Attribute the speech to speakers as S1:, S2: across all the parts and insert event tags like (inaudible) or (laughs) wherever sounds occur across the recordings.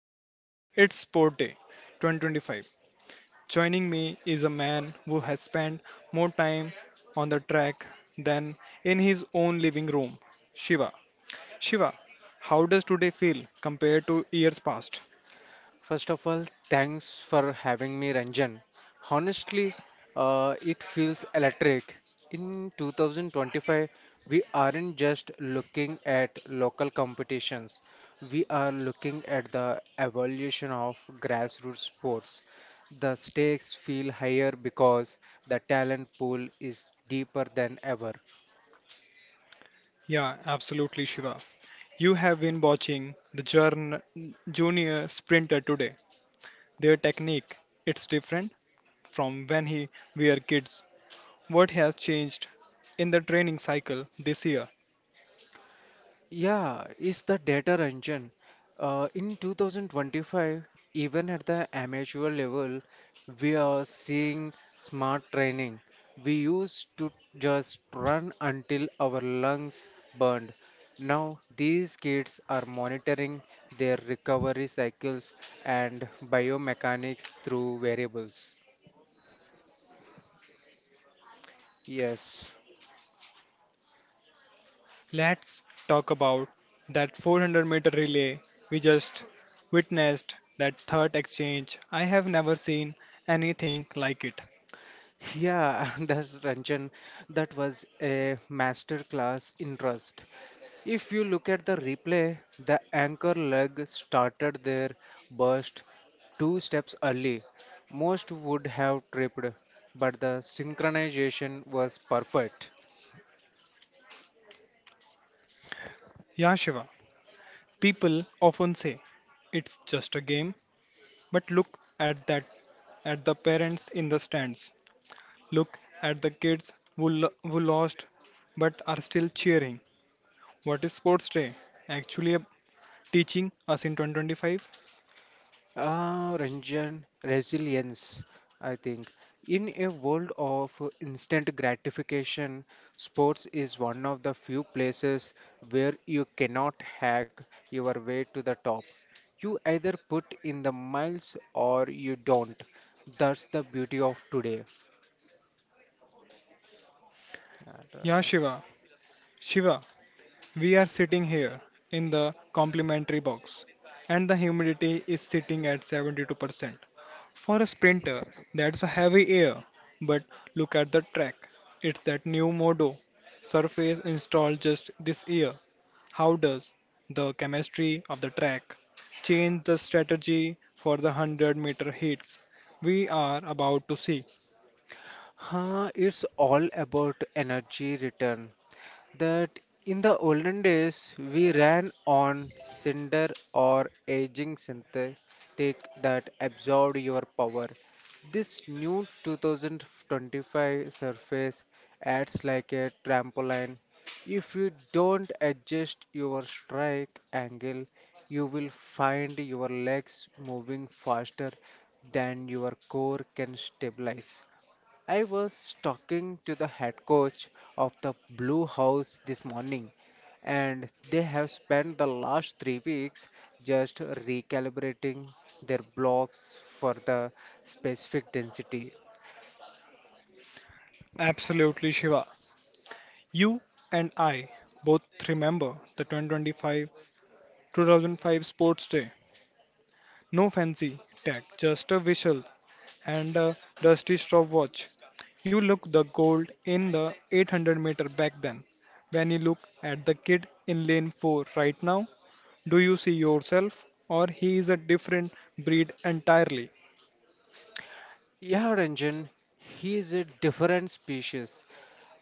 S1: everywhere. It's sport day 2025. Joining me is a man who has spent more time on the track than in his own living room. Shiva. Shiva, how does today feel compared to years past?
S2: First of all, thanks for having me, Ranjan. Honestly, it feels electric. In 2025, we aren't just looking at local competitions, we are looking at the evolution of grassroots sports. The stakes feel higher because the talent pool is deeper than ever.
S1: Yeah, absolutely, Shiva. You have been watching the junior sprinter today. Their technique, it's different from when he were kids. What has changed in the training cycle this year?
S2: Yeah, it's the data engine. In 2025, even at the amateur level, we are seeing smart training. We used to just run until our lungs burned. Now, these kids are monitoring their recovery cycles and biomechanics through variables. Yes.
S1: Let's talk about that 400-meter relay we just witnessed that third exchange. I have never seen anything like it.
S2: Yeah, (laughs) that's Ranjan. That was a master class in trust. If you look at the replay, the anchor leg started their burst two steps early. Most would have tripped, but the synchronization was perfect.
S1: Yeah, Shiva. People often say it's just a game, but look at that at the parents in the stands. Look at the kids who, who lost but are still cheering. What is sports day actually teaching us in 2025?
S2: Ranjan, resilience, I think. In a world of instant gratification, sports is one of the few places where you cannot hack your way to the top. You either put in the miles or you don't. That's the beauty of today. And,
S1: Yeah,
S2: uh,
S1: Shiva. Shiva, we are sitting here in the complimentary box, and the humidity is sitting at 72%. For a sprinter, that's a heavy air. But look at the track. It's that new Modo surface installed just this year. How does the chemistry of the track change the strategy for the 100-meter heats we are about to see?
S2: it's all about energy return. That in the olden days we ran on cinder or aging synthetic that absorbed your power. This new 2025 surface acts like a trampoline. If you don't adjust your strike angle, you will find your legs moving faster than your core can stabilize. I was talking to the head coach of the Blue House this morning, and they have spent the last 3 weeks just recalibrating their blocks for the specific density.
S1: Absolutely, Shiva. You and I both remember the 2025 2005 Sports Day. No fancy tech, just a whistle and a dusty stop watch. You look the gold in the 800-meter back then. When you look at the kid in lane 4 right now, do you see yourself, or he is a different breed entirely?
S2: Yeah, Ranjan, he is a different species.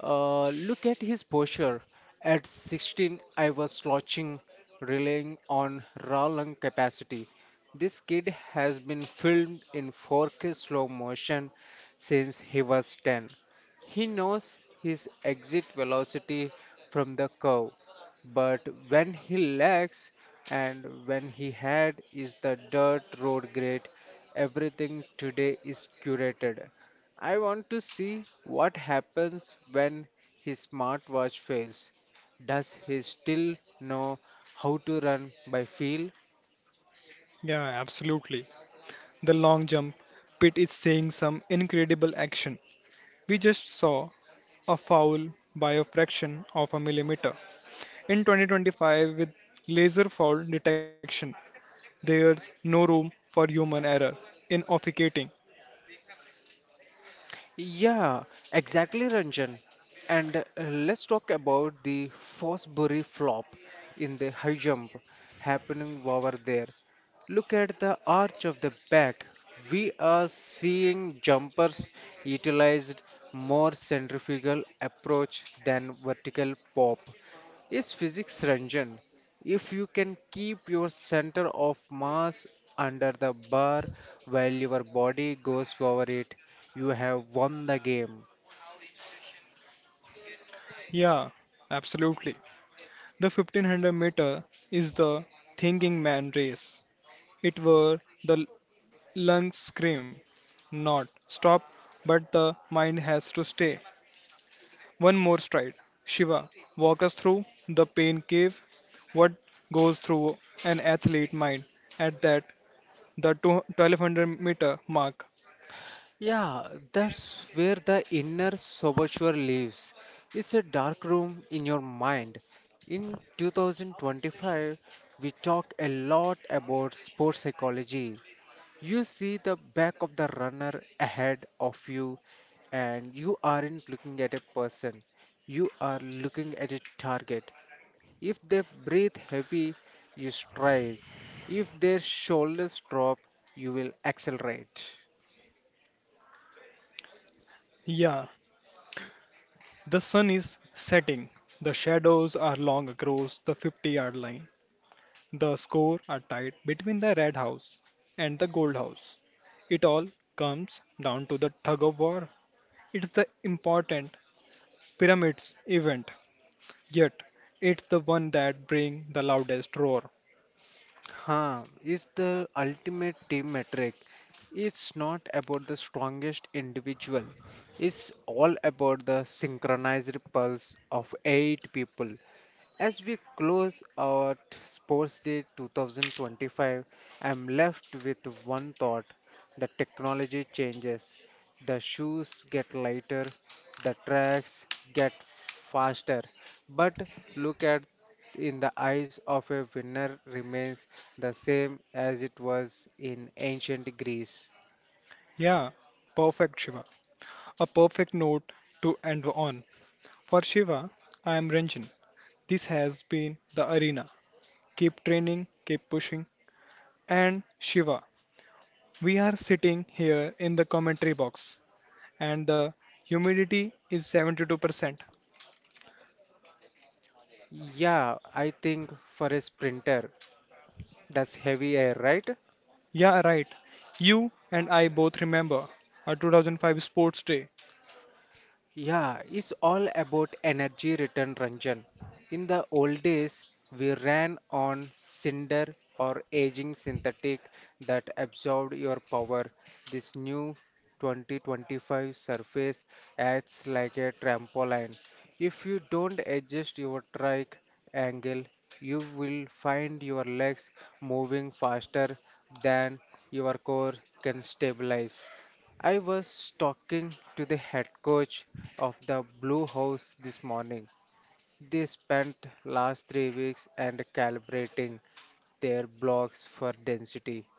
S2: Look at his posture. At 16, I was slouching, relying on raw lung capacity. This kid has been filmed in 4K slow motion since he was 10. He knows his exit velocity from the curve, but when he lags and when he had is the dirt road grade. Everything today is curated. I want to see what happens when his smartwatch fails. Does he still know how to run by feel?
S1: Yeah, absolutely. The long jump pit is seeing some incredible action. We just saw a foul by a fraction of a millimeter. In 2025, with laser foul detection, there's no room for human error in officiating.
S2: Yeah, exactly, Ranjan. And let's talk about the Fosbury flop in the high jump happening over there. Look at the arch of the back. We are seeing jumpers utilized more centrifugal approach than vertical pop. Is physics, Ranjan? If you can keep your center of mass under the bar while your body goes over it, you have won the game.
S1: Yeah, absolutely. The 1500 meter is the thinking man race. It were the lungs scream not stop, but the mind has to stay. One more stride. Shiva, walk us through the pain cave. What goes through an athlete mind at that the two- 1200 meter mark?
S2: Yeah, that's where the inner saboteur lives. It's a dark room in your mind. In 2025, we talk a lot about sports psychology. You see the back of the runner ahead of you, and you aren't looking at a person, you are looking at a target. If they breathe heavy, you strike. If their shoulders drop, you will accelerate.
S1: Yeah, the sun is setting. The shadows are long across the 50-yard line. The score are tight between the red house and the gold house. It all comes down to the tug of war. It's the important pyramids event. Yet, it's the one that brings the loudest roar.
S2: Is the ultimate team metric. It's not about the strongest individual. It's all about the synchronized pulse of eight people. As we close out Sports Day 2025, I'm left with one thought. The technology changes. The shoes get lighter, the tracks get faster. But look at in the eyes of a winner remains the same as it was in ancient Greece.
S1: Yeah, perfect Shiva. A perfect note to end on. For Shiva, I am Ranjan. This has been the arena. Keep training, keep pushing. And Shiva, we are sitting here in the commentary box, and the humidity is 72%.
S2: Yeah, I think for a sprinter, that's heavy air, right?
S1: Yeah, right. You and I both remember our 2005 sports day.
S2: Yeah, it's all about energy return, Ranjan. In the old days, we ran on cinder or aging synthetic that absorbed your power. This new 2025 surface acts like a trampoline. If you don't adjust your trike angle, you will find your legs moving faster than your core can stabilize. I was talking to the head coach of the Blue House this morning. They spent last 3 weeks and calibrating their blocks for density.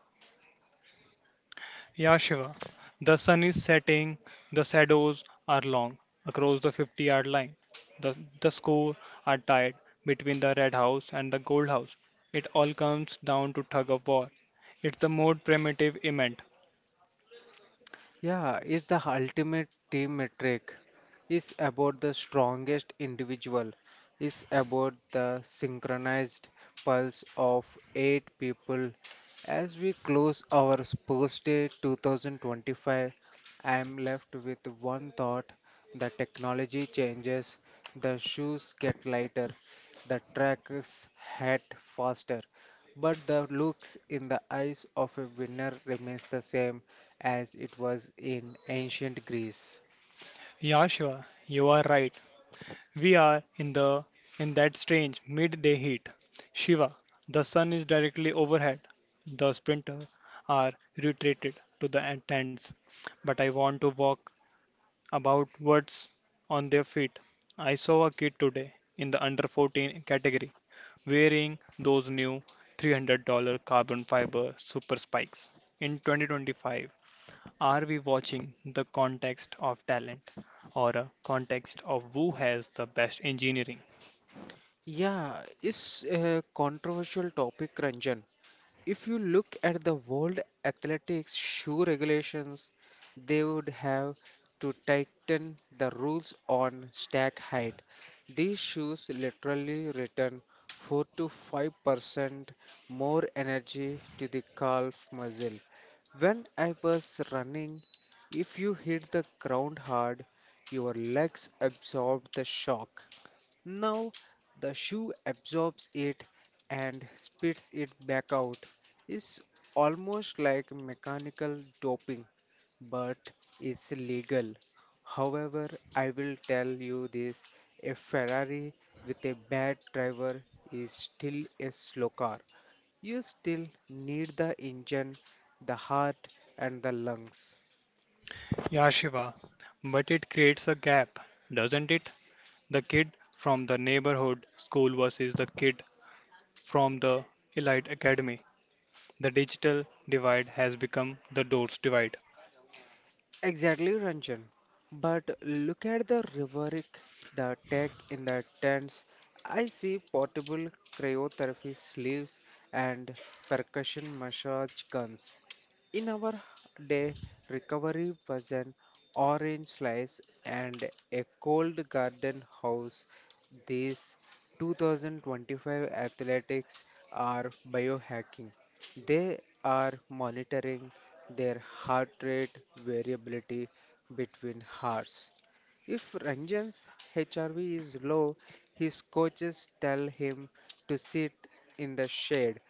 S1: Yeah, Shiva. The sun is setting, the shadows are long across the 50-yard line. The, the score are tied between the red house and the gold house. It all comes down to tug of war. It's the more primitive event.
S2: Yeah, is the ultimate team metric. Is about the strongest individual. Is about the synchronized pulse of eight people. As we close our sports day 2025, I am left with one thought: the technology changes, the shoes get lighter, the tracks head faster, but the looks in the eyes of a winner remains the same as it was in ancient Greece.
S1: Yeah, Shiva, you are right. We are in the in that strange midday heat. Shiva, the sun is directly overhead. The sprinters are retreated to the tents, but I want to walk about what's on their feet. I saw a kid today in the under 14 category wearing those new $300 carbon fiber super spikes. In 2025, are we watching the context of talent or a context of who has the best engineering?
S2: Yeah, it's a controversial topic, Ranjan. If you look at the World Athletics shoe regulations, they would have to tighten the rules on stack height. These shoes literally return 4 to 5% more energy to the calf muscle. When I was running, if you hit the ground hard, your legs absorbed the shock. Now the shoe absorbs it and spits it back out. It's almost like mechanical doping, but it's legal. However, I will tell you this, a Ferrari with a bad driver is still a slow car. You still need the engine, the heart, and the lungs.
S1: Yeah, Shiva, but it creates a gap, doesn't it? The kid from the neighborhood school versus the kid from the elite academy. The digital divide has become the doors divide.
S2: Exactly, Ranjan. But look at the rhetoric, the tech in the tents. I see portable cryotherapy sleeves and percussion massage guns. In our day, recovery was an orange slice and a cold garden house. These 2025 athletics are biohacking. They are monitoring their heart rate variability between hearts. If Ranjan's HRV is low, his coaches tell him to sit in the shade.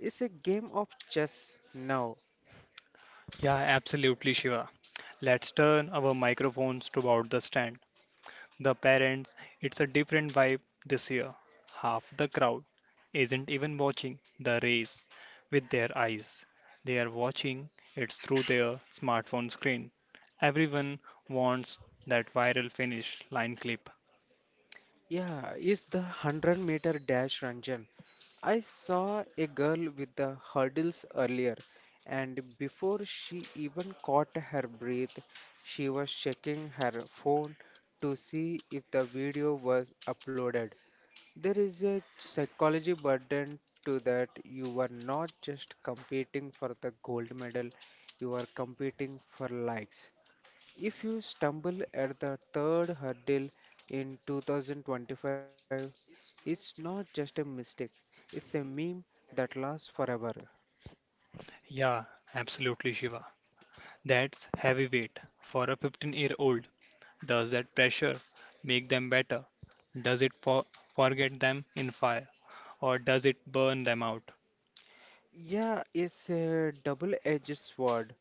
S2: It's a game of chess now.
S1: Yeah, absolutely, Shiva. Let's turn our microphones toward the stand. The parents, it's a different vibe this year. Half the crowd isn't even watching the race with their eyes. They are watching it through their smartphone screen. Everyone wants that viral finish line clip.
S2: Yeah, it's the 100-meter dash, Ranjan. I saw a girl with the hurdles earlier, and before she even caught her breath, she was checking her phone to see if the video was uploaded. There is a psychology burden to that. You are not just competing for the gold medal, you are competing for likes. If you stumble at the third hurdle in 2025, it's not just a mistake, it's a meme that lasts forever.
S1: Yeah, absolutely, Shiva. That's heavyweight for a 15-year old. Does that pressure make them better? Does it forget them in fire? Or does it burn them out?
S2: Yeah, it's a double-edged sword.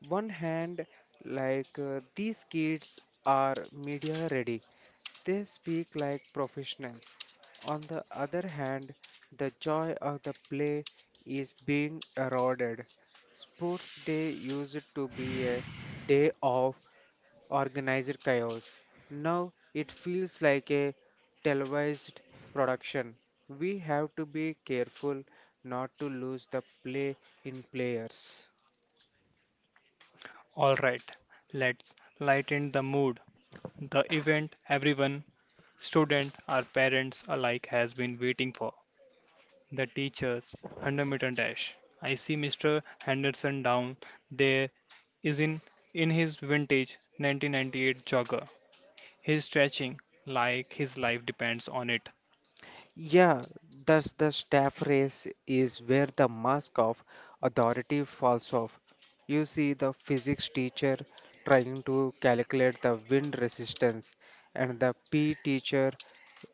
S2: One hand, these kids are media ready. They speak like professionals. On the other hand, the joy of the play is being eroded. Sports day used to be a day off organized chaos. Now it feels like a televised production. We have to be careful not to lose the play in players.
S1: Alright, let's lighten the mood. The event everyone, student or parents alike, has been waiting for. The teacher's 100-meter dash. I see Mr. Henderson down there is in his vintage 1998 jogger. He's stretching like his life depends on it.
S2: Yeah, thus the staff race is where the mask of authority falls off. You see the physics teacher trying to calculate the wind resistance, and the PE teacher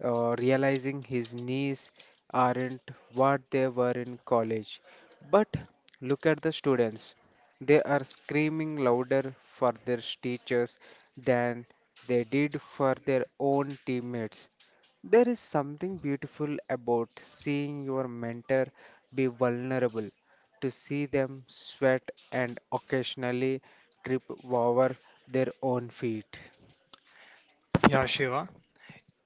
S2: realizing his knees aren't what they were in college. But look at the students. They are screaming louder for their teachers than they did for their own teammates. There is something beautiful about seeing your mentor be vulnerable, to see them sweat and occasionally trip over their own feet.
S1: Yeah, Shiva.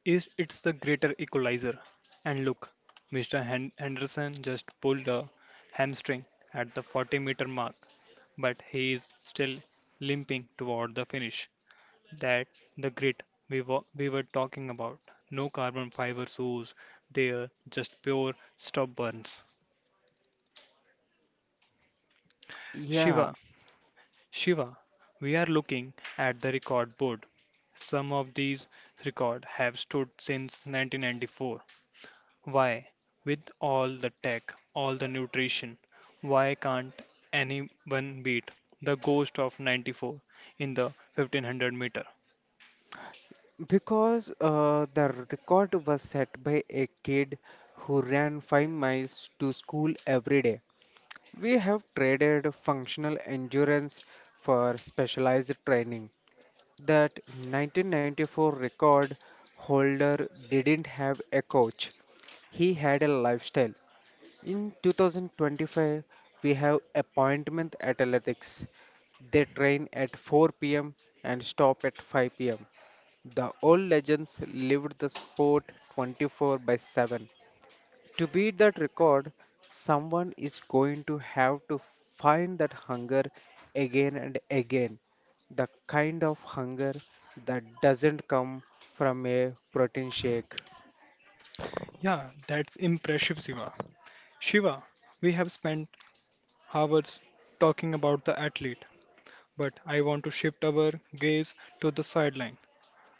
S1: Is it's the greater equalizer. And look, Henderson just pulled a hamstring at the 40-meter mark, but he is still limping toward the finish. That the grit we were talking about. No carbon fiber shoes there, just pure stubborns.
S2: Yeah,
S1: Shiva, Shiva, we are looking at the record board. Some of these records have stood since 1994. Why, with all the tech, all the nutrition, why can't anyone beat the ghost of 94 in the 1500 meter?
S2: because the record was set by a kid who ran 5 miles to school every day. We have traded functional endurance for specialized training. That 1994 record holder didn't have a coach. He had a lifestyle. In 2025, we have appointment athletics. They train at 4 p.m. and stop at 5 p.m. The old legends lived the sport 24 by 7. To beat that record, someone is going to have to find that hunger again and again. The kind of hunger that doesn't come from a protein shake.
S1: Yeah, that's impressive, Shiva. Shiva, we have spent hours talking about the athlete, but I want to shift our gaze to the sideline.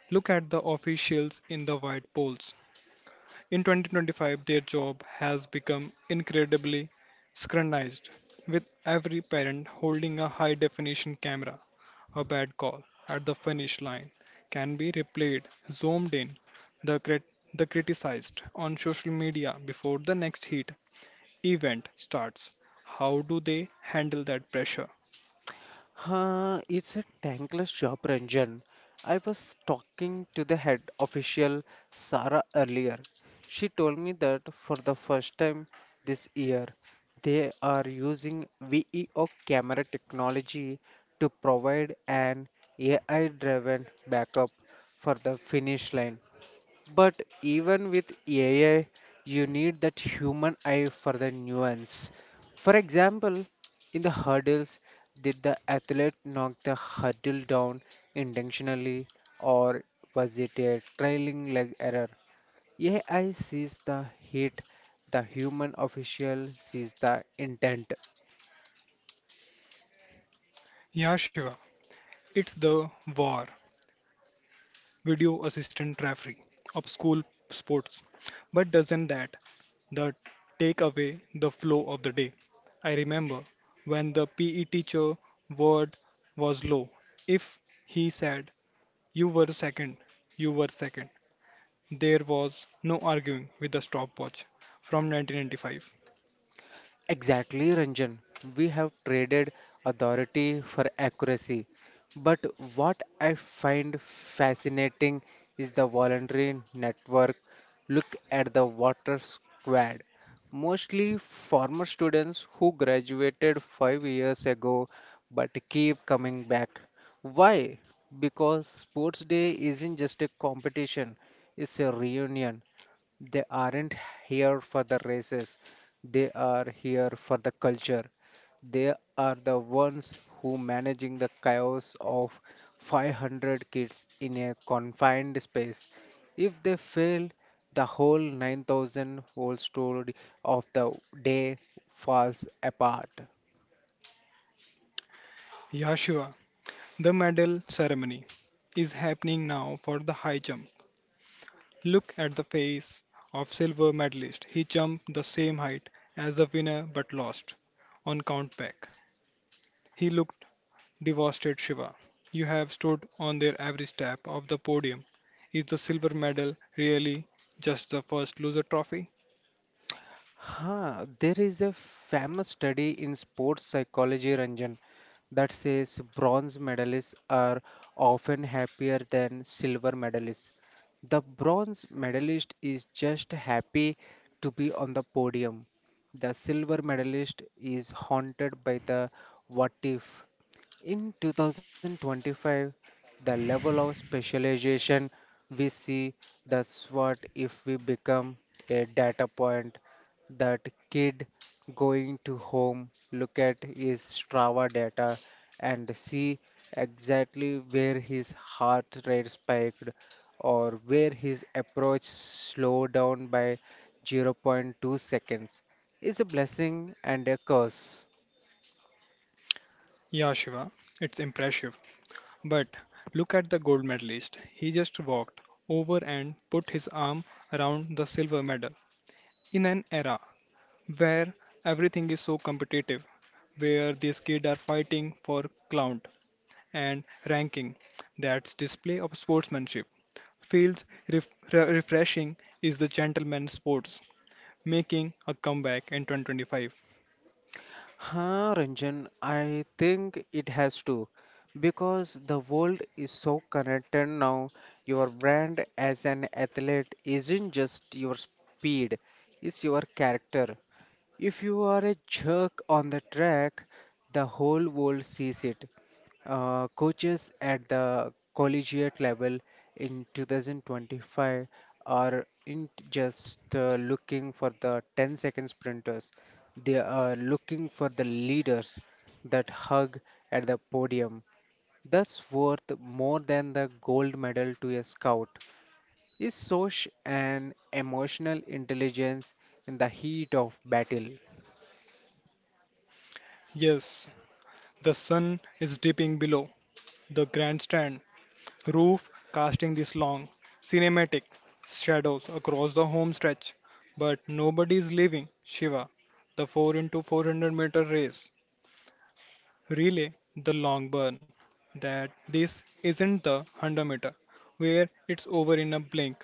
S1: Look at the officials in the white poles. In 2025, their job has become incredibly scrutinized, with every parent holding a high definition camera. A bad call at the finish line can be replayed, zoomed in, the criticized on social media before the next heat event starts. How do they handle that pressure?
S2: It's a thankless job, Ranjan. I was talking to the head official, Sarah, earlier. She told me that for the first time this year, they are using VEO camera technology to provide an AI driven backup for the finish line. But even with AI, you need that human eye for the nuance. For example, in the hurdles, did the athlete knock the hurdle down intentionally, or was it a trailing leg error? AI sees the hit, the human official sees the intent.
S1: Yeah, Shiva, it's the VAR, video assistant referee of school sports. But doesn't that take away the flow of the day. I remember when the PE teacher word was low. If he said, you were second, you were second, there was no arguing with the stopwatch from 1995.
S2: Exactly, Ranjan. We have traded authority for accuracy. But what I find fascinating is the voluntary network. Look at the water squad. Mostly former students who graduated 5 years ago but keep coming back. Why? Because sports day isn't just a competition, it's a reunion. They aren't here for the races, they are here for the culture. They are the ones who managing the chaos of 500 kids in a confined space. If they fail, the whole 9,000 whole story of the day falls apart.
S1: Yashiva, the medal ceremony, is happening now for the high jump. Look at the face of silver medalist. He jumped the same height as the winner but lost on count back. He looked devastated Shiva. You have stood on their every step of the podium. Is the silver medal really just the first loser trophy?
S2: There is a famous study in sports psychology, Ranjan, that says bronze medalists are often happier than silver medalists. The bronze medalist is just happy to be on the podium. The silver medalist is haunted by the what if. In 2025, the level of specialization we see, that's what if we become a data point that kid going to home, look at his Strava data and see exactly where his heart rate spiked or where his approach slowed down by 0 0.2 seconds is a blessing and a curse.
S1: Yeah, Shiva, it's impressive. But look at the gold medalist. He just walked over and put his arm around the silver medal. In an era where everything is so competitive, where these kids are fighting for clout and ranking, that's display of sportsmanship. Feels refreshing is the gentleman sports making a comeback in 2025.
S2: Ranjan, I think it has to because the world is so connected now. Your brand as an athlete isn't just your speed, it's your character. If you are a jerk on the track, the whole world sees it. Coaches at the collegiate level in 2025 are in just looking for the 10-second sprinters. They are looking for the leaders that hug at the podium. That's worth more than the gold medal to a scout. Is social and emotional intelligence in the heat of battle.
S1: Yes, the sun is dipping below the grandstand roof, casting these long, cinematic shadows across the home stretch. But nobody is leaving Shiva, the 4 into 400-meter race, relay, the long burn. That this isn't the 100-meter, where it's over in a blink.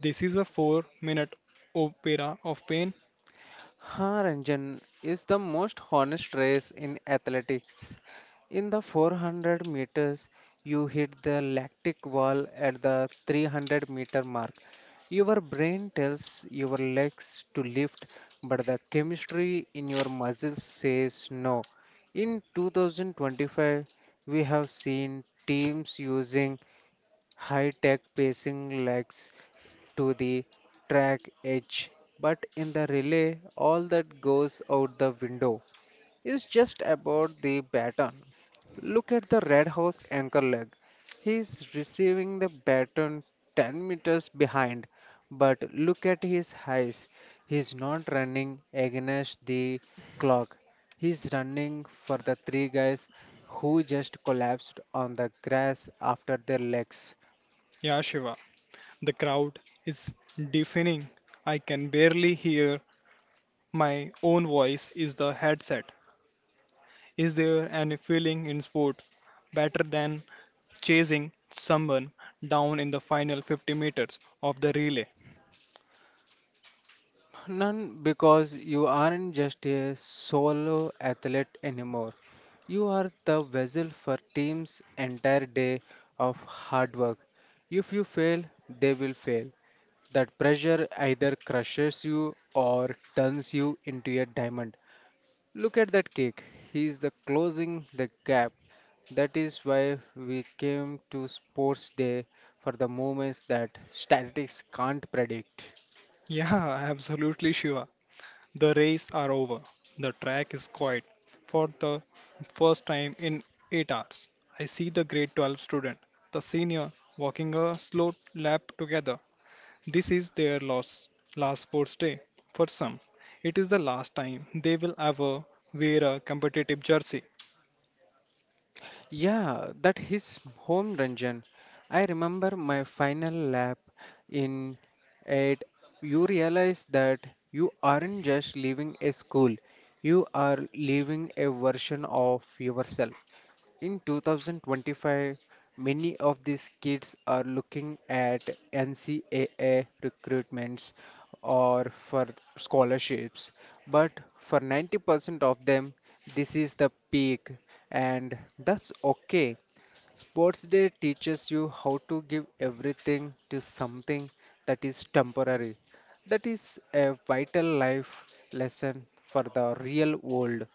S1: This is a 4-minute opera of pain.
S2: Ranjan is the most honest race in athletics. In the 400 meters, you hit the lactic wall at the 300-meter mark. Your brain tells your legs to lift, but the chemistry in your muscles says no. In 2025, we have seen teams using high-tech pacing legs to the track edge, but in the relay, all that goes out the window is just about the baton. Look at the Red House anchor leg. He is receiving the baton 10 meters behind, but look at his eyes. He is not running against the clock. He is running for the three guys who just collapsed on the grass after their legs.
S1: Yeah, Shiva, the crowd is deafening. I can barely hear my own voice is the headset. Is there any feeling in sport better than chasing someone down in the final 50 meters of the relay?
S2: None, because you aren't just a solo athlete anymore. You are the vessel for team's entire day of hard work. If you fail, they will fail. That pressure either crushes you or turns you into a diamond. Look at that cake. He is the closing the gap. That is why we came to sports day for the moments that statistics can't predict.
S1: Yeah, absolutely, Shiva. The race are over. The track is quiet. For the first time in 8 hours, I see the grade 12 student, the senior, walking a slow lap together. This is their last sports day. For some, it is the last time they will ever wear a competitive jersey.
S2: Yeah, that his home dungeon. I remember my final lap in it. You realize that you aren't just leaving a school, you are leaving a version of yourself. In 2025, many of these kids are looking at NCAA recruitments or for scholarships, but for 90% of them, this is the peak, and that's okay. Sports Day teaches you how to give everything to something that is temporary. That is a vital life lesson for the real world.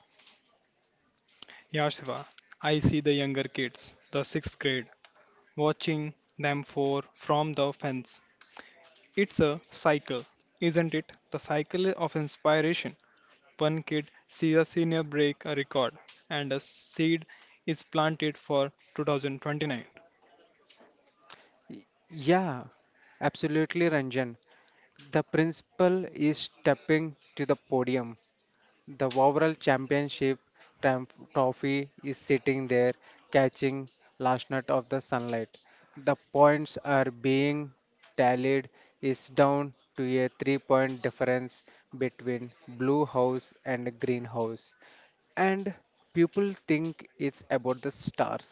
S1: Yashva, I see the younger kids, the sixth grade, watching them for from the fence. It's a cycle, isn't it? The cycle of inspiration. One kid sees a senior break a record, and a seed is planted for 2029.
S2: Yeah, absolutely, Ranjan. The principle is stepping to the podium. The overall championship trophy is sitting there catching last night of the sunlight. The points are being tallied is down to a 3-point difference between blue house and green house, and people think it's about the stars,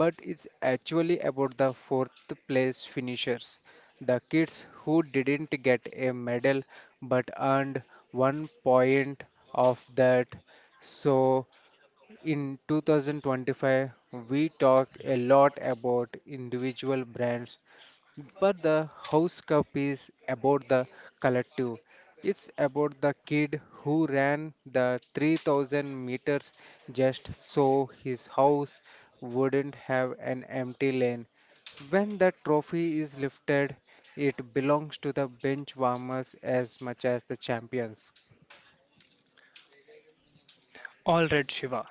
S2: but it's actually about the fourth place finishers, the kids who didn't get a medal but earned 1 point of that. So, in 2025, we talk a lot about individual brands, but the House Cup is about the collective. It's about the kid who ran the 3,000 meters just so his house wouldn't have an empty lane. When that trophy is lifted, it belongs to the bench warmers as much as the champions.
S1: All right, Shiva.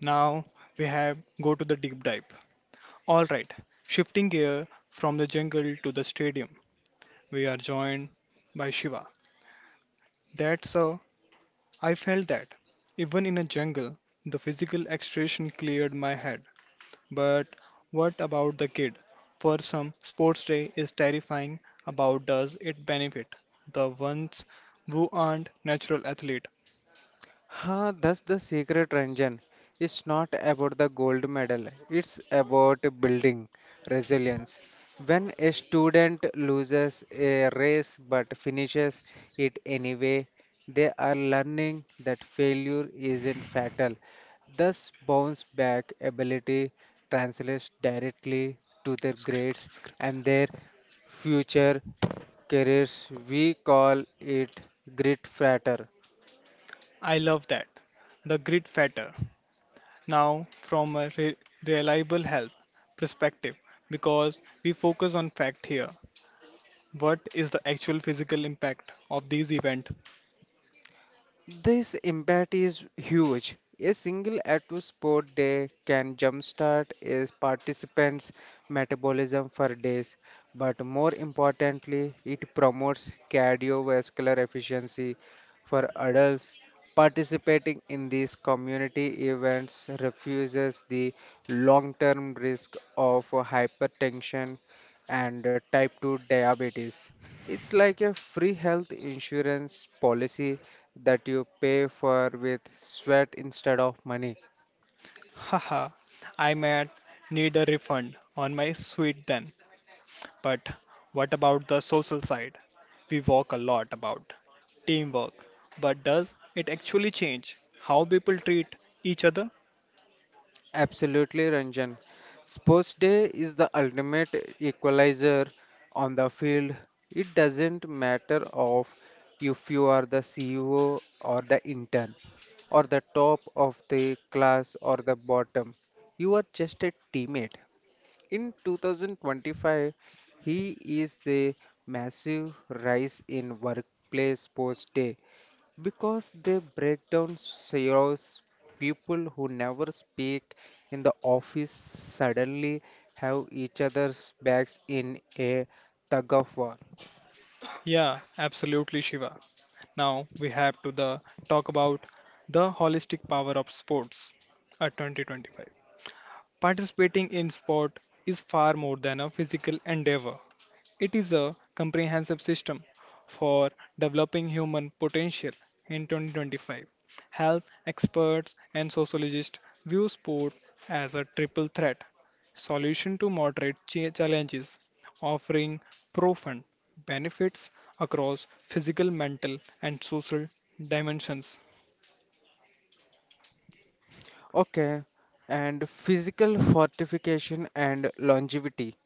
S1: Now we have go to the deep dive. All right, shifting gear from the jungle to the stadium, we are joined by Shiva. That's I felt that even in a jungle, the physical extraction cleared my head. But what about the kid? For some, sports day is terrifying. About does it benefit the ones who aren't natural athlete?
S2: Huh, that's the secret, Ranjan. It's not about the gold medal, it's about building resilience. When a student loses a race but finishes it anyway, they are learning that failure isn't fatal. Thus, bounce back ability translates directly to their grades and their future careers. We call it grit frater.
S1: I love that. The grit factor. Now, from a reliable health perspective, because we focus on fact here. What is the actual physical impact of these event?
S2: This impact is huge. A single active sport day can jumpstart a participant's metabolism for days, but more importantly, it promotes cardiovascular efficiency for adults. Participating in these community events refuses the long term risk of hypertension and type 2 diabetes. It's like a free health insurance policy that you pay for with sweat instead of money.
S1: Haha, I might need a refund on my suite then. But what about the social side? We walk a lot about teamwork, but does it actually change how people treat each other?
S2: Absolutely, Ranjan. Sports day is the ultimate equalizer on the field. It doesn't matter of if you are the CEO or the intern or the top of the class or the bottom. You are just a teammate. In 2025, he is the massive rise in workplace sports day because they break down CEOs, people who never speak in the office suddenly have each other's backs in a tug of war.
S1: Yeah, absolutely, Shiva. Now we have to the talk about the holistic power of sports at 2025. Participating in sport is far more than a physical endeavor. It is a comprehensive system for developing human potential in 2025. Health experts and sociologists view sport as a triple threat solution to moderate challenges, offering profound benefits across physical, mental, and social dimensions.
S2: Okay, and physical fortification and longevity.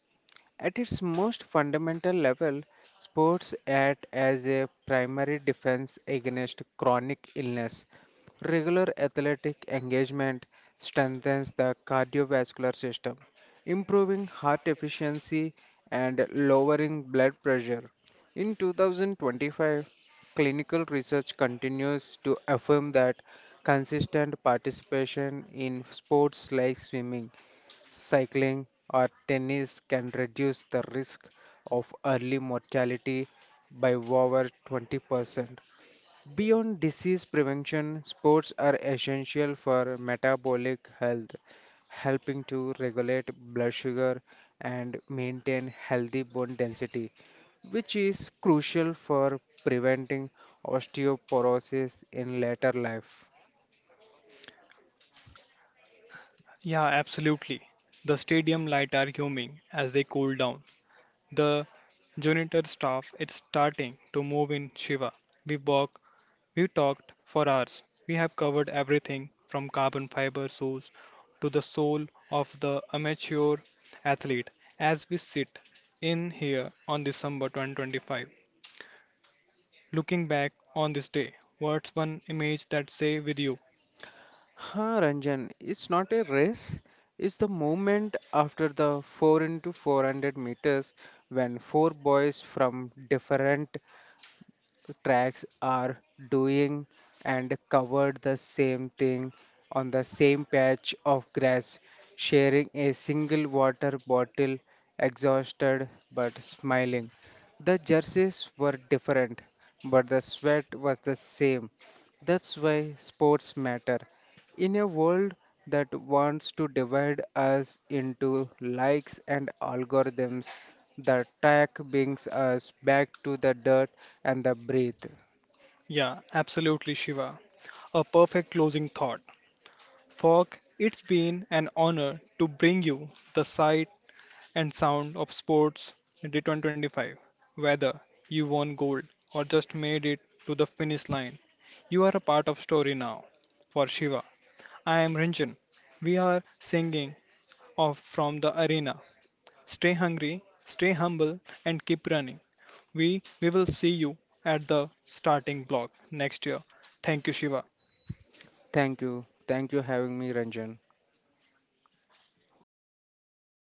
S2: At its most fundamental level, sports act as a primary defense against chronic illness. Regular athletic engagement strengthens the cardiovascular system, improving heart efficiency and lowering blood pressure. In 2025, clinical research continues to affirm that consistent participation in sports like swimming, cycling, or tennis can reduce the risk of early mortality by over 20%. Beyond disease prevention, sports are essential for metabolic health, helping to regulate blood sugar and maintain healthy bone density, which is crucial for preventing osteoporosis in later life.
S1: Yeah, absolutely. The stadium lights are humming as they cool down. The janitor staff is starting to move in Shiva. We walk We talked for hours. We have covered everything from carbon fiber source to the soul of the amateur athlete as we sit in here on December 2025. Looking back on this day, what's one image that say with you?
S2: Huh, Ranjan, it's not a race. It's the moment after the 4 into 400 meters when four boys from different tracks are doing and covered the same thing on the same patch of grass, sharing a single water bottle, exhausted but smiling. The jerseys were different, but the sweat was the same. That's why sports matter. In a world that wants to divide us into likes and algorithms, the track brings us back to the dirt and the breath.
S1: Yeah, absolutely Shiva. A perfect closing thought. Fog, it's been an honor to bring you the sight and sound of sports return 25. Whether you won gold or just made it to the finish line, you are a part of story now. For Shiva, I am Ranjan. We are singing off from the arena. Stay hungry, stay humble, and keep running. We will see you at the starting block next year. Thank you, Shiva.
S2: Thank you. Thank you having me, Ranjan.